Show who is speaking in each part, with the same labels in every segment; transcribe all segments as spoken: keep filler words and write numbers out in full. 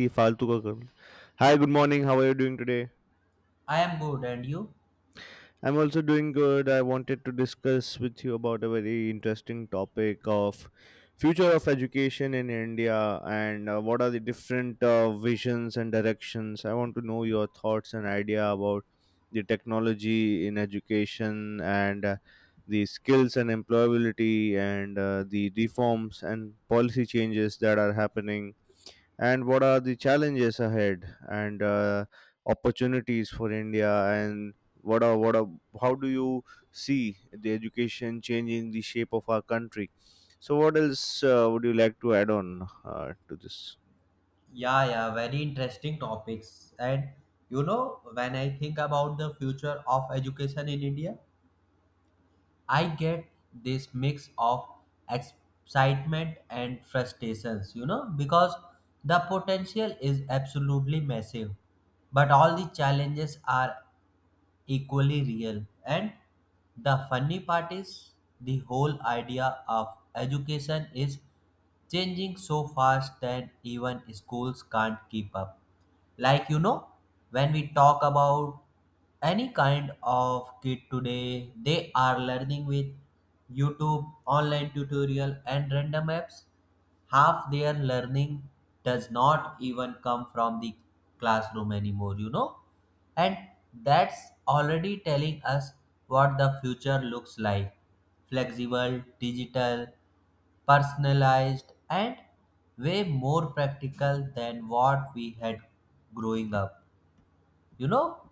Speaker 1: की फालतू का कर Hi, good morning. How are you doing today?
Speaker 2: I am good, and you?
Speaker 1: I'm also doing good. I wanted to discuss with you about a very interesting topic of future of education in India and uh, what are the different uh, visions and directions. I want to know your thoughts and idea about the technology in education and uh, the skills and employability and uh, the reforms and policy changes that are happening and what are the challenges ahead and uh, opportunities for India and what are what are how do you see the education changing the shape of our country? So what else uh, would you like to add on uh, to this?
Speaker 2: Yeah, yeah, very interesting topics. And you know, when I think about the future of education in India, I get this mix of excitement and frustrations, you know, because the potential is absolutely massive, but all the challenges are equally real. And the funny part is the whole idea of education is changing so fast that even schools can't keep up. Like, you know, when we talk about any kind of kid today, they are learning with YouTube, online tutorial, and random apps. Half their learning does not even come from the classroom anymore, you know, and that's already telling us what the future looks like: flexible, digital, personalized and way more practical than what we had growing up. You know,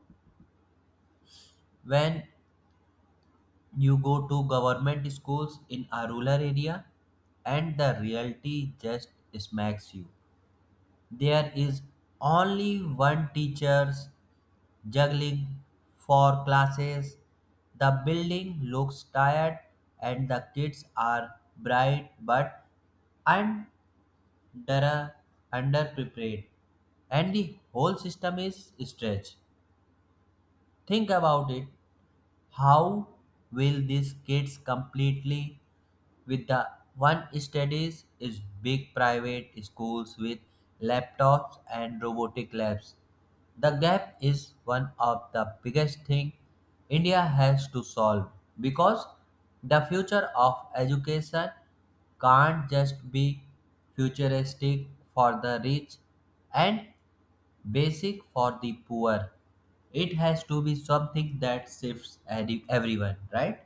Speaker 2: when you go to government schools in a rural area and the reality just smacks you, there is only one teacher's juggling four classes, the building looks tired, and the kids are bright but unmotivated. That are underprepared and the whole system is stretched. Think about it. How will these kids completely with the one studies is big private schools with laptops and robotic labs. The gap is one of the biggest thing India has to solve, because the future of education can't just be futuristic for the rich and basic for the poor. It has to be something that shifts every everyone, right?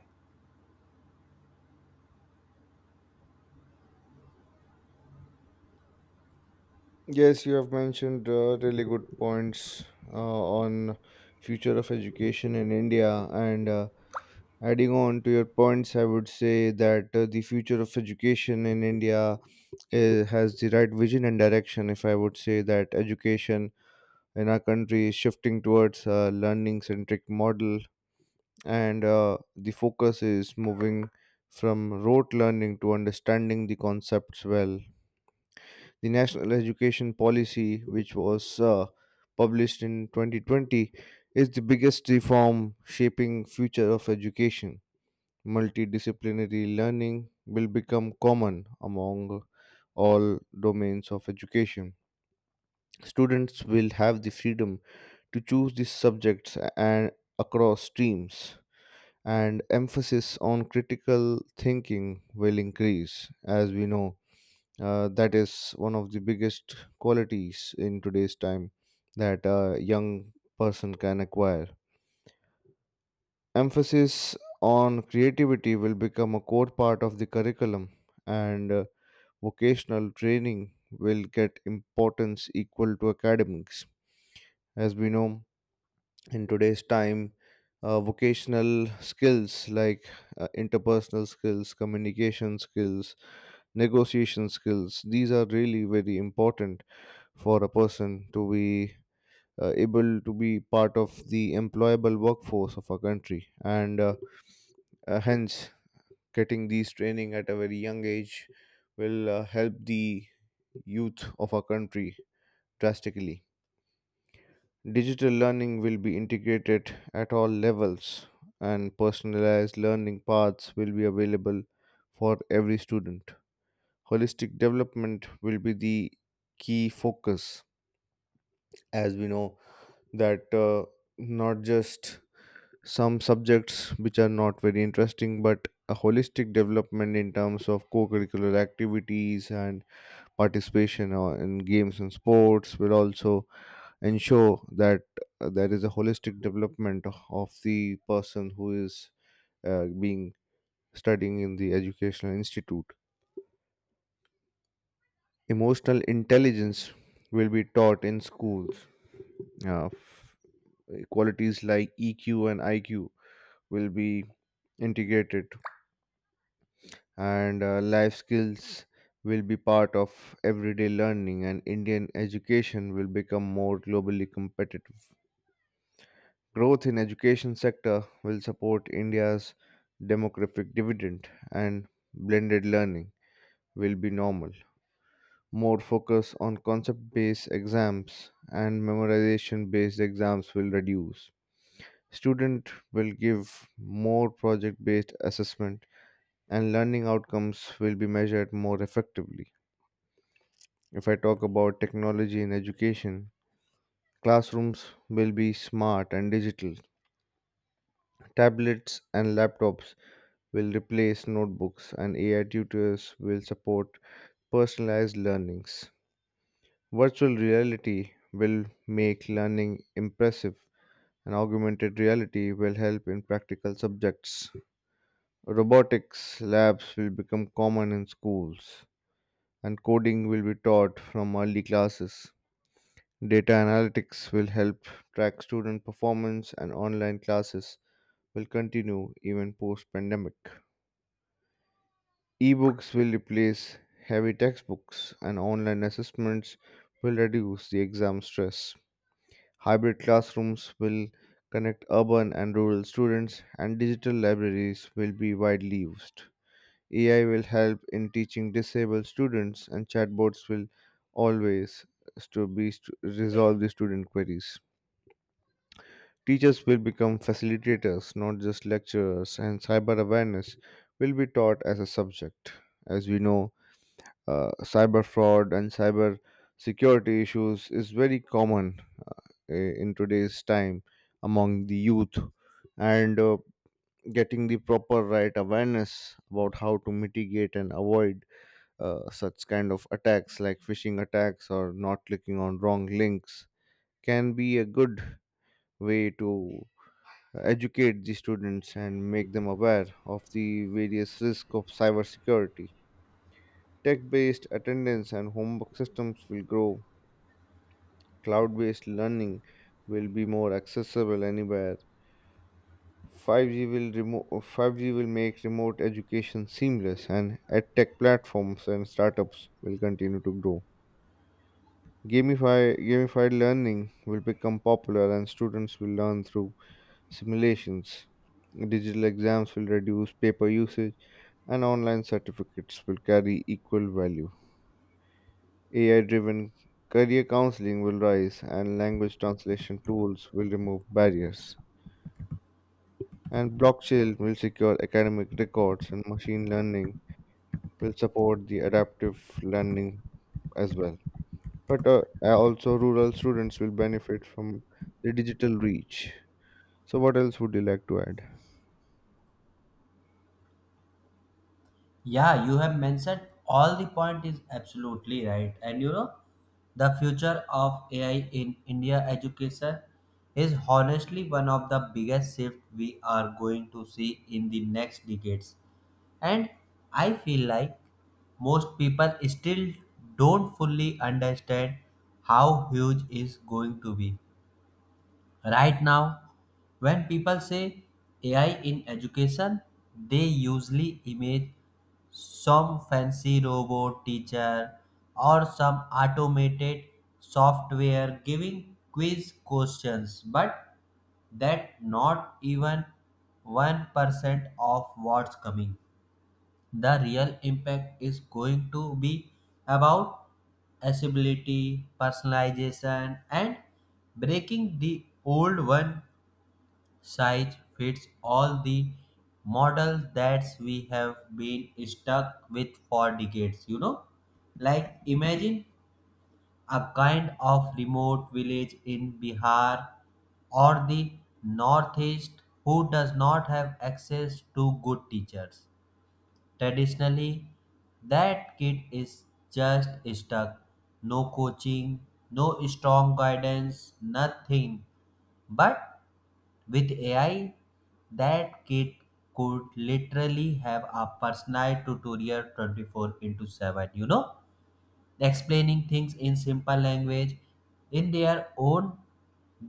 Speaker 1: Yes, you have mentioned uh, really good points uh, on future of education in India, and uh, Adding on to your points, I would say that uh, the future of education in India uh, has the right vision and direction. If I would say that education in our country is shifting towards a learning centric model, and uh, the focus is moving from rote learning to understanding the concepts well. The National Education Policy, which was uh, published in twenty twenty, is the biggest reform shaping future of education. Multidisciplinary learning will become common among all domains of education. Students will have the freedom to choose the subjects and across streams, and emphasis on critical thinking will increase. As we know, uh, that is one of the biggest qualities in today's time that a young person can acquire. Emphasis on creativity will become a core part of the curriculum and uh, vocational training will get importance equal to academics, as we know. In today's time, uh, vocational skills like uh, interpersonal skills, communication skills, negotiation skills, these are really very important for a person to be uh, able to be part of the employable workforce of our country, and uh, uh, hence, getting these training at a very young age will uh, help the youth of our country drastically. Digital learning will be integrated at all levels, and personalized learning paths will be available for every student. Holistic development will be the key focus, as we know that uh, not just some subjects which are not very interesting but a holistic development in terms of co-curricular activities and participation uh, in games and sports will also ensure that uh, there is a holistic development of the person who is uh, being studying in the educational institute. Emotional intelligence will be taught in schools. uh, f- Qualities like eq and iq will be integrated, and uh, life skills will be part of everyday learning, and indian education will become more globally competitive. Growth in education sector will support india's demographic dividend, and blended learning will be normal. More focus on concept based exams and memorization based exams will reduce. Student will give more project based assessment, and learning outcomes will be measured more effectively. If I talk about technology in education, classrooms will be smart and digital. Tablets and laptops will replace notebooks, and A I tutors will support personalized learnings. Virtual reality will make learning impressive, and augmented reality will help in practical subjects. Robotics labs will become common in schools, and coding will be taught from early classes. Data analytics will help track student performance, and online classes will continue even post pandemic. Ebooks will replace heavy textbooks, and online assessments will reduce the exam stress. Hybrid classrooms will connect urban and rural students, and digital libraries will be widely used. A I will help in teaching disabled students, and chatbots will always to be stu- resolve the student queries. Teachers will become facilitators, not just lecturers, and cyber awareness will be taught as a subject. As we know, uh, cyber fraud and cyber security issues is very common uh, in today's time among the youth, and uh, getting the proper right awareness about how to mitigate and avoid uh, such kind of attacks like phishing attacks or not clicking on wrong links can be a good way to educate the students and make them aware of the various risks of cybersecurity. Tech based attendance and homework systems will grow, cloud based learning will be more accessible anywhere. five G will remo- five G will make remote education seamless, and edtech platforms and startups will continue to grow. Gamify, gamified learning will become popular, and students will learn through simulations. Digital exams will reduce paper usage, and online certificates will carry equal value. A I driven career counseling will rise, and language translation tools will remove barriers. And blockchain will secure academic records, and machine learning will support the adaptive learning as well. But uh, uh, also, rural students will benefit from the digital reach. So, what else would you like to add?
Speaker 2: Yeah, you have mentioned all the point is absolutely right. And you know, the future of A I in India education is honestly one of the biggest shifts we are going to see in the next decades. And I feel like most people still don't fully understand how huge is going to be. Right now, when people say A I in education, they usually image some fancy robot teacher or some automated software giving quiz questions, but that not even one percent of what's coming. The real impact is going to be about accessibility, personalization, and breaking the old one size fits all the model that we have been stuck with for decades. You know, like imagine a kind of remote village in Bihar or the northeast who does not have access to good teachers. Traditionally, that kid is just stuck, no coaching, no strong guidance, nothing. But with A I, that kid could literally have a personalized tutorial twenty-four into seven, you know, explaining things in simple language, in their own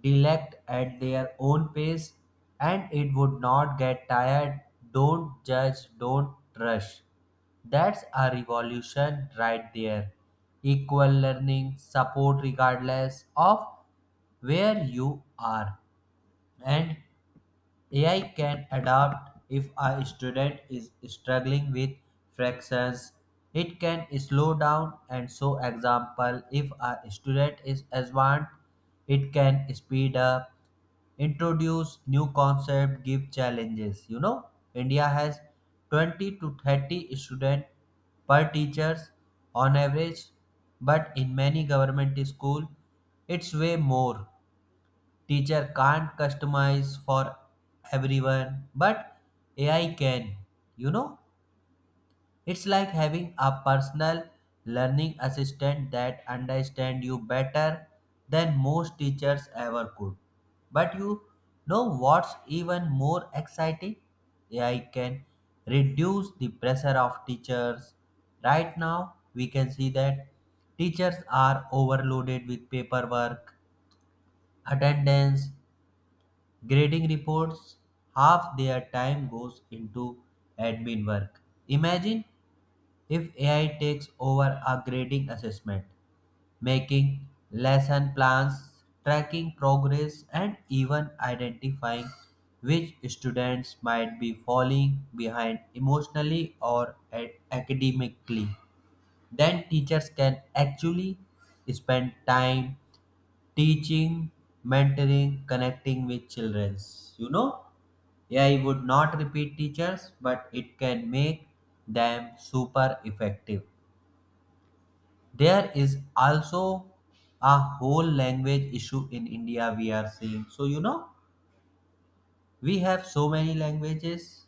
Speaker 2: dialect, at their own pace, and it would not get tired. Don't judge, don't rush. That's a revolution right there. Equal learning, support regardless of where you are. And A I can adapt if a student is struggling with fractions. It can slow down and show example if a student is advanced, it can speed up, introduce new concept, give challenges. You know, India has twenty to thirty student per teachers on average, but in many government school, it's way more. Teacher can't customize for everyone, but A I can. You know, it's like having a personal learning assistant that understands you better than most teachers ever could. But you know what's even more exciting? A I can reduce the pressure of teachers. Right now, we can see that teachers are overloaded with paperwork, attendance, grading reports. Half their time goes into admin work. Imagine if A I takes over a grading assessment, making lesson plans, tracking progress, and even identifying which students might be falling behind emotionally or a- academically. Then teachers can actually spend time teaching, mentoring, connecting with childrens. You know, A I would not repeat teachers, but it can make them super effective. There is also a whole language issue in India we are seeing. So, you know, we have so many languages,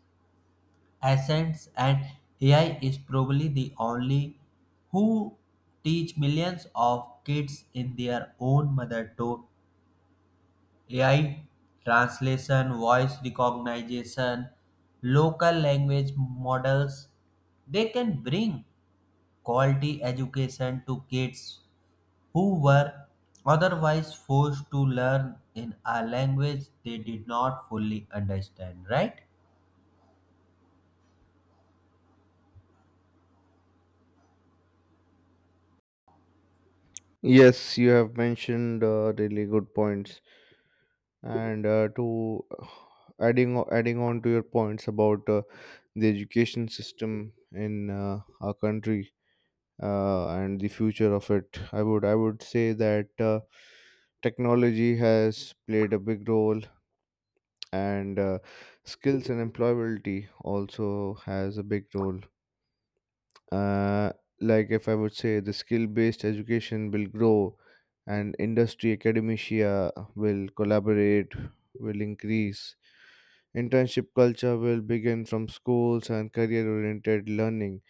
Speaker 2: accents, and A I is probably the only who teach millions of kids in their own mother to- A I translation, voice recognition, local language models, they can bring quality education to kids who were otherwise forced to learn in a language they did not fully understand, right?
Speaker 1: Yes, you have mentioned uh, really good points. And uh, to uh, adding o- adding on to your points about uh, the education system in uh, our country uh, and the future of it, i would i would say that uh, technology has played a big role, and uh, skills and employability also has a big role. uh, like, if I would say, the skill based education will grow and industry academia will collaborate, will increase. Internship culture will begin from schools, and career oriented learning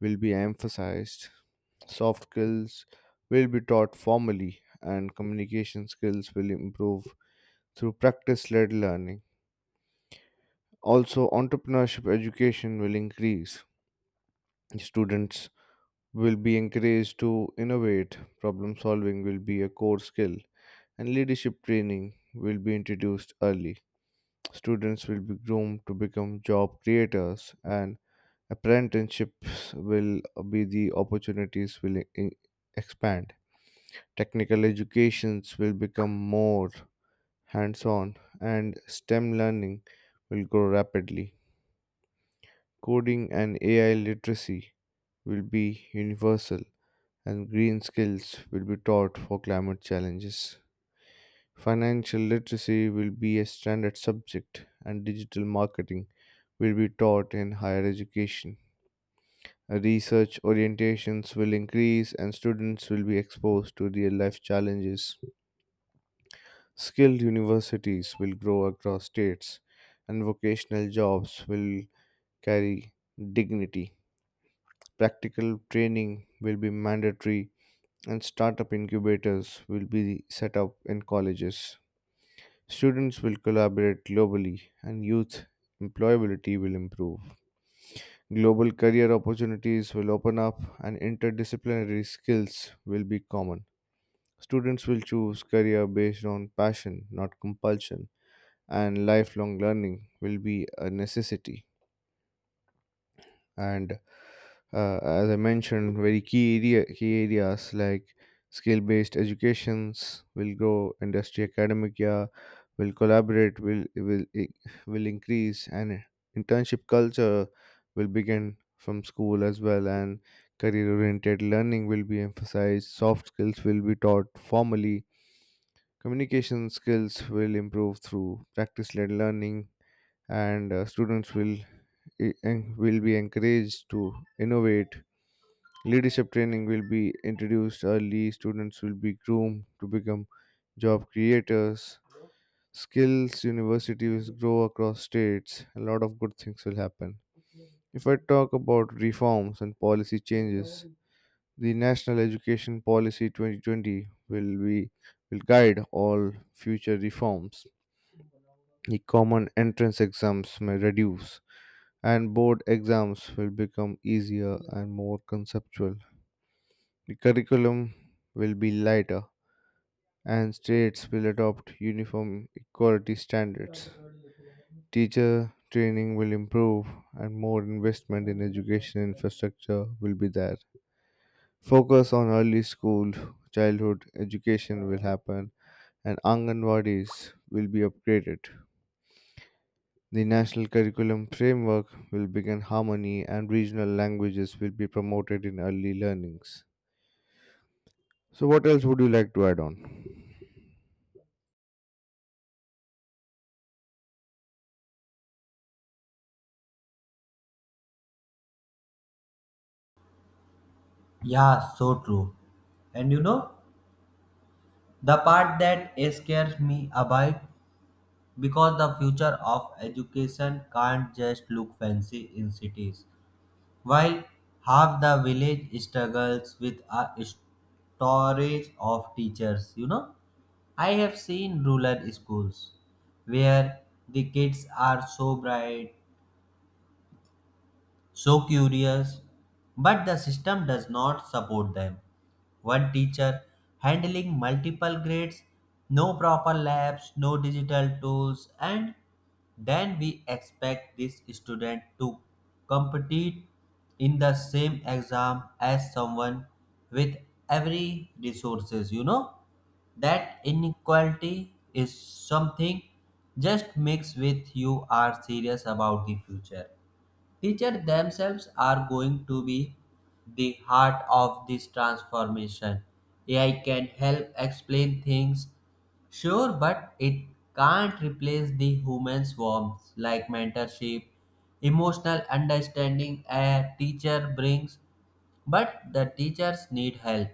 Speaker 1: will be emphasized. Soft skills will be taught formally, and communication skills will improve through practice led learning. Also, entrepreneurship education will increase. Students will be encouraged to innovate, problem solving will be a core skill, and leadership training will be introduced early. Students will be groomed to become job creators, and apprenticeships will be the opportunities will e- e-, expand. Technical educations will become more hands on, and STEM learning will grow rapidly. Coding and A I literacy will be universal, and green skills will be taught for climate challenges. Financial literacy will be a standard subject, and digital marketing will be taught in higher education. Research orientations will increase, and students will be exposed to real life challenges. Skilled universities will grow across states, and vocational jobs will carry dignity. Practical training will be mandatory, and startup incubators will be set up in colleges. Students will collaborate globally, and youth employability will improve. Global career opportunities will open up, and interdisciplinary skills will be common. Students will choose career based on passion, not compulsion, and lifelong learning will be a necessity. And uh, as I mentioned, very key area, key areas like skill based educations will grow, industry academia will collaborate, will will i- will increase, and internship culture will begin from school as well, and career oriented learning will be emphasized, soft skills will be taught formally, communication skills will improve through practice led learning, and uh, students will e- en- will be encouraged to innovate, leadership training will be introduced early, students will be groomed to become job creators, skills universities grow across states. A lot of good things will happen. If I talk about reforms and policy changes, the national education policy twenty twenty will be will guide all future reforms. The common entrance exams may reduce, and board exams will become easier and more conceptual. The curriculum will be lighter, and states will adopt uniform equality standards. Teacher training will improve, and more investment in education infrastructure will be there. Focus on early school childhood education will happen, and Anganwadis will be upgraded. The national curriculum framework will begin harmony, and regional languages will be promoted in early learnings. So, what else would you like to add on?
Speaker 2: Yeah, so true. And you know, the part that scares me about because the future of education can't just look fancy in cities. While half the village struggles with a storage of teachers, you know, I have seen rural schools where the kids are so bright, so curious, but the system does not support them. One teacher handling multiple grades, no proper labs, no digital tools, and then we expect this student to compete in the same exam as someone with every resources. You know, that inequality is something just mix with you are serious about the future. Teachers themselves are going to be the heart of this transformation. A I can help explain things, sure, but it can't replace the human's warmth like mentorship, emotional understanding a teacher brings. But the teachers need help,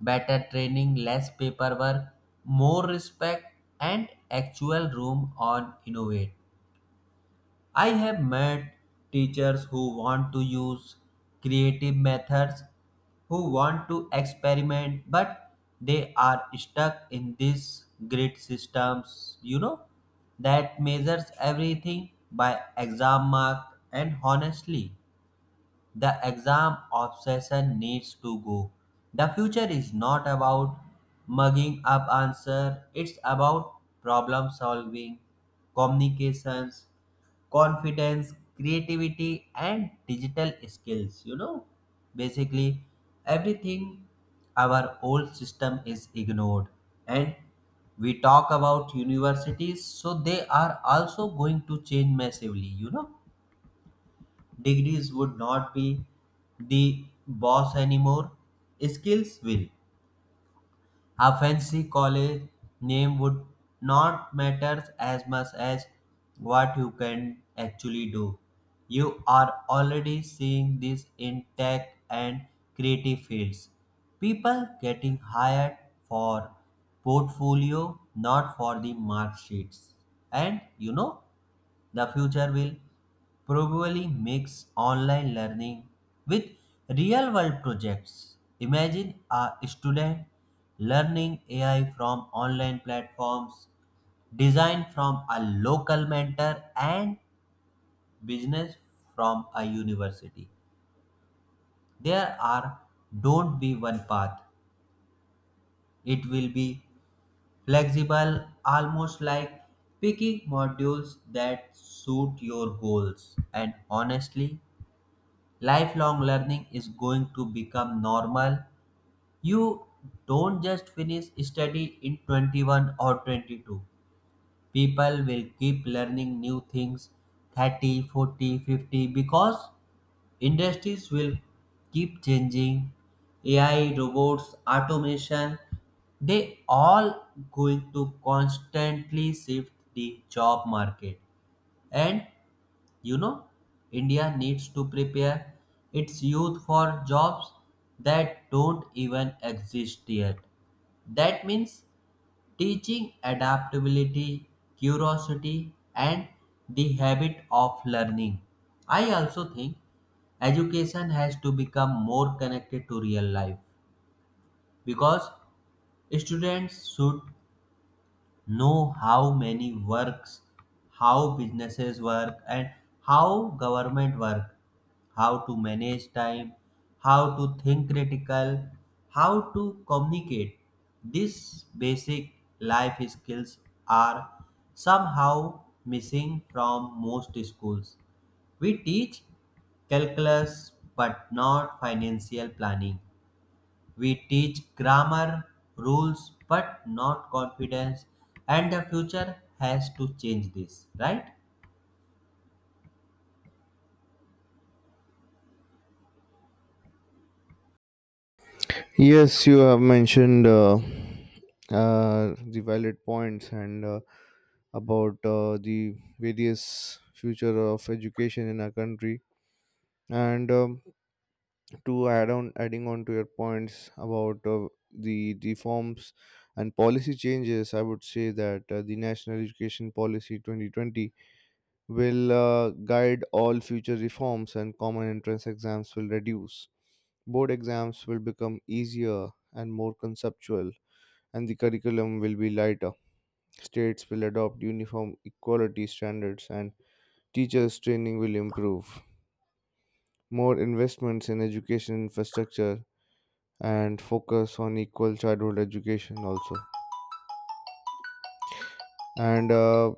Speaker 2: better training, less paperwork, more respect, and actual room on innovate. I have met teachers who want to use creative methods, who want to experiment, but they are stuck in these grid systems, you know, that measures everything by exam mark. And honestly, the exam obsession needs to go. The future is not about mugging up answer, it's about problem solving, communications, confidence, creativity, and digital skills. You know, basically everything our old system is ignored. And we talk about universities, so they are also going to change massively. You know, degrees would not be the boss anymore, skills will. A fancy college name would not matter as much as what you can actually do. You are already seeing this in tech and creative fields. People getting hired for portfolio, not for the mark sheets. And you know, the future will probably mix online learning with real world projects. Imagine a student learning A I from online platforms, design from a local mentor, and business from a university. There are don't be one path. It will be flexible, almost like picking modules that suit your goals. And honestly, lifelong learning is going to become normal. You don't just finish study in twenty-one or twenty-two, people will keep learning new things thirty forty fifty, because industries will keep changing. AI, robots, automation, they all going to constantly shift the job market. And you know, India needs to prepare its youth for jobs that don't even exist yet. That means teaching adaptability, curiosity, and the habit of learning. I also think education has to become more connected to real life, because students should know how many works, how businesses work, and how government work, how to manage time, how to think critical, how to communicate. These basic life skills are somehow missing from most schools. We teach calculus but not financial planning. We teach grammar rules, but not confidence, and the future has to change this, right?
Speaker 1: Yes, you have mentioned uh, uh, the valid points and uh, about uh, the various future of education in our country. And um, to add on adding on to your points about uh, the reforms and policy changes, I would say that uh, the national education policy twenty twenty will uh, guide all future reforms, and common entrance exams will reduce, board exams will become easier and more conceptual, and the curriculum will be lighter, states will adopt uniform equality standards, and teachers training will improve, more investments in education infrastructure, and focus on equal childhood education also. And uh,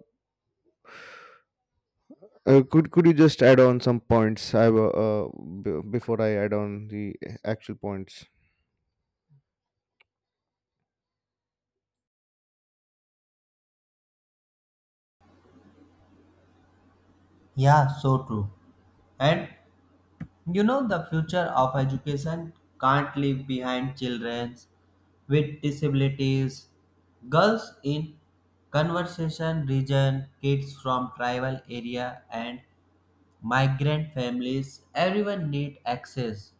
Speaker 1: uh, could could you just add on some points? I wa- uh, b- before I add on the actual points.
Speaker 2: Yeah, so true. And you know, the future of education can't leave behind children with disabilities, girls in conservation region, kids from tribal area, and migrant families. Everyone need access,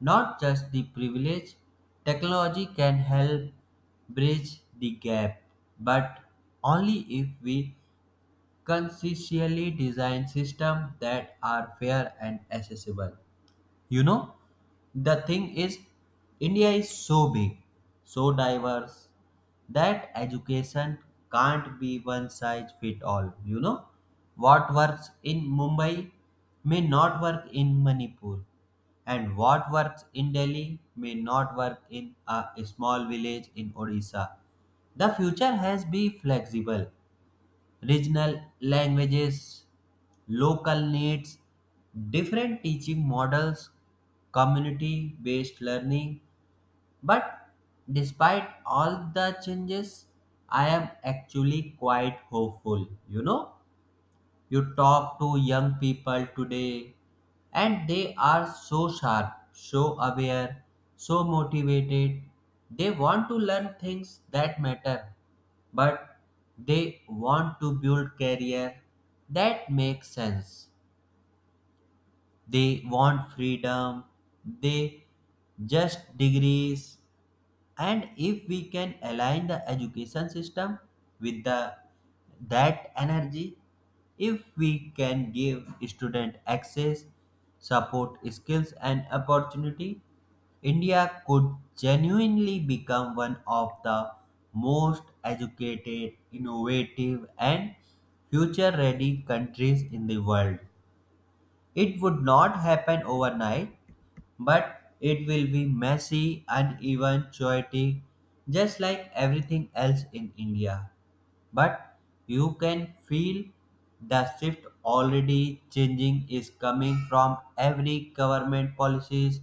Speaker 2: not just the privilege. Technology can help bridge the gap, but only if we consciously design systems that are fair and accessible. You know, the thing is, India is so big, so diverse, that education can't be one size fit all. You know, what works in Mumbai may not work in Manipur, and what works in Delhi may not work in a small village in Odisha. The future has to be flexible: regional languages, local needs, different teaching models, community based learning. But despite all the changes, I am actually quite hopeful. You know, you talk to young people today and they are so sharp, so aware, so motivated. They want to learn things that matter, but they want to build career that makes sense, they want freedom, they just degrees. And if we can align the education system with the that energy, if we can give student access, support, skills and opportunity, India could genuinely become one of the most educated, innovative and future ready countries in the world. It would not happen overnight, but it will be messy and even chaotic, just like everything else in India. But you can feel the shift already changing is coming from every government policies,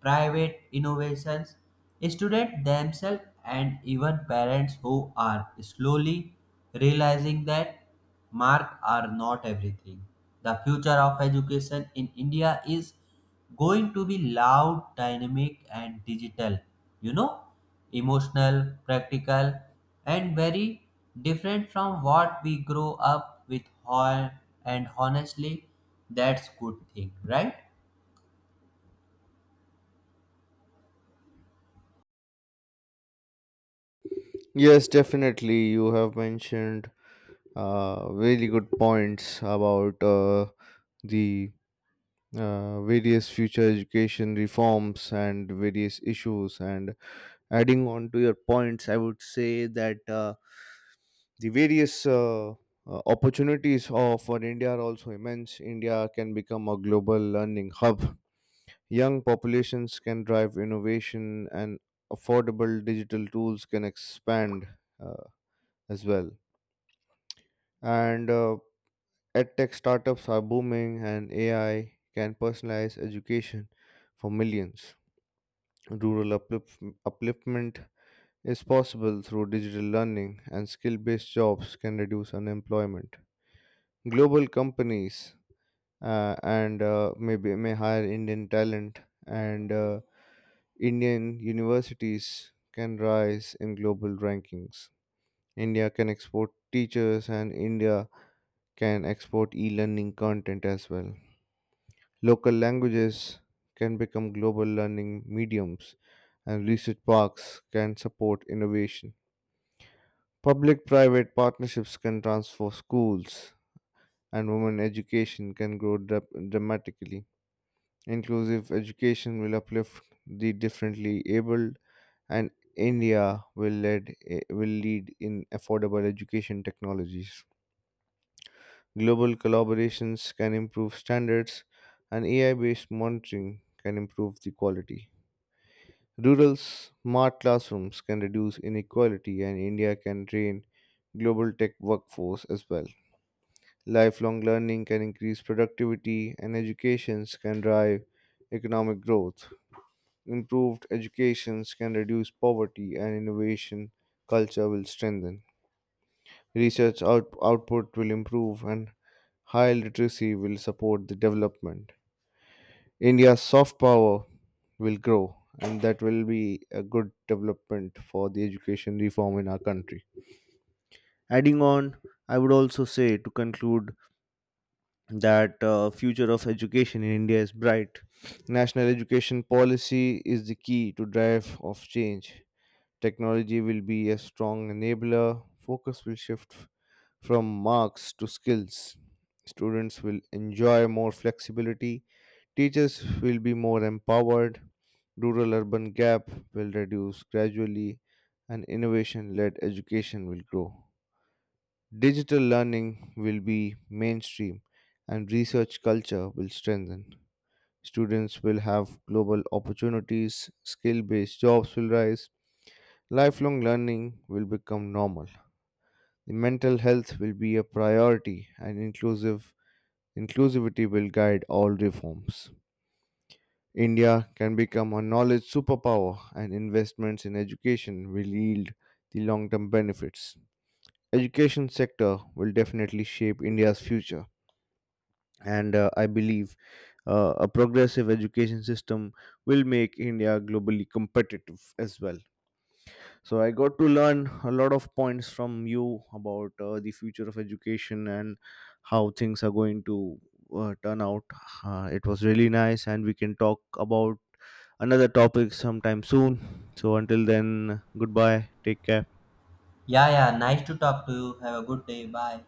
Speaker 2: private innovations, students themselves, and even parents who are slowly realizing that marks are not everything. The future of education in India is going to be loud, dynamic, and digital. You know, emotional, practical, and very different from what we grow up with. hon- And honestly, that's good thing, right?
Speaker 1: Yes, definitely. You have mentioned uh, really good points about uh, the uh, various future education reforms and various issues. And adding on to your points, I would say that. Uh, the various uh, uh, opportunities of for India are also immense. India can become a global learning hub. Young populations can drive innovation, and affordable digital tools can expand uh, as well. And uh, edtech startups are booming, and A I can personalize education for millions. Rural uplif- upliftment is possible through digital learning, and skill based jobs can reduce unemployment. Global companies uh, and uh, maybe may hire Indian talent, and uh, Indian universities can rise in global rankings. India can export teachers, and India can export e-learning content as well. Local languages can become global learning mediums, and research parks can support innovation. Public private partnerships can transform schools, and women education can grow dra- dramatically. Inclusive education will uplift the differently abled, and India will lead, eh, will lead in affordable education technologies. Global collaborations can improve standards, and A I-based monitoring can improve the quality. Rural smart classrooms can reduce inequality, and India can train global tech workforce as well. Lifelong learning can increase productivity, and educations can drive economic growth. Improved educations can reduce poverty, and innovation culture will strengthen. Research out- output will improve, and high literacy will support the development. India's soft power will grow, and that will be a good development for the education reform in our country. Adding on, I would also say to conclude that uh, future of education in India is bright. National education policy is the key to drive of change. Technology will be a strong enabler. Focus will shift f- from marks to skills. Students will enjoy more flexibility. Teachers will be more empowered. Rural urban gap will reduce gradually, and innovation led education will grow. Digital learning will be mainstream, and research culture will strengthen. Students will have global opportunities, skill based jobs will rise, lifelong learning will become normal. The mental health will be a priority, and inclusive inclusivity will guide all reforms. India can become a knowledge superpower, and investments in education will yield the long-term benefits. Education sector will definitely shape India's future, and uh, I believe uh, a progressive education system will make India globally competitive as well. So I got to learn a lot of points from you about uh, the future of education and how things are going to uh, turn out. Uh, it was really nice, and we can talk about another topic sometime soon. So until then, goodbye. Take care.
Speaker 2: Yeah, yeah. Nice to talk to you. Have a good day. Bye.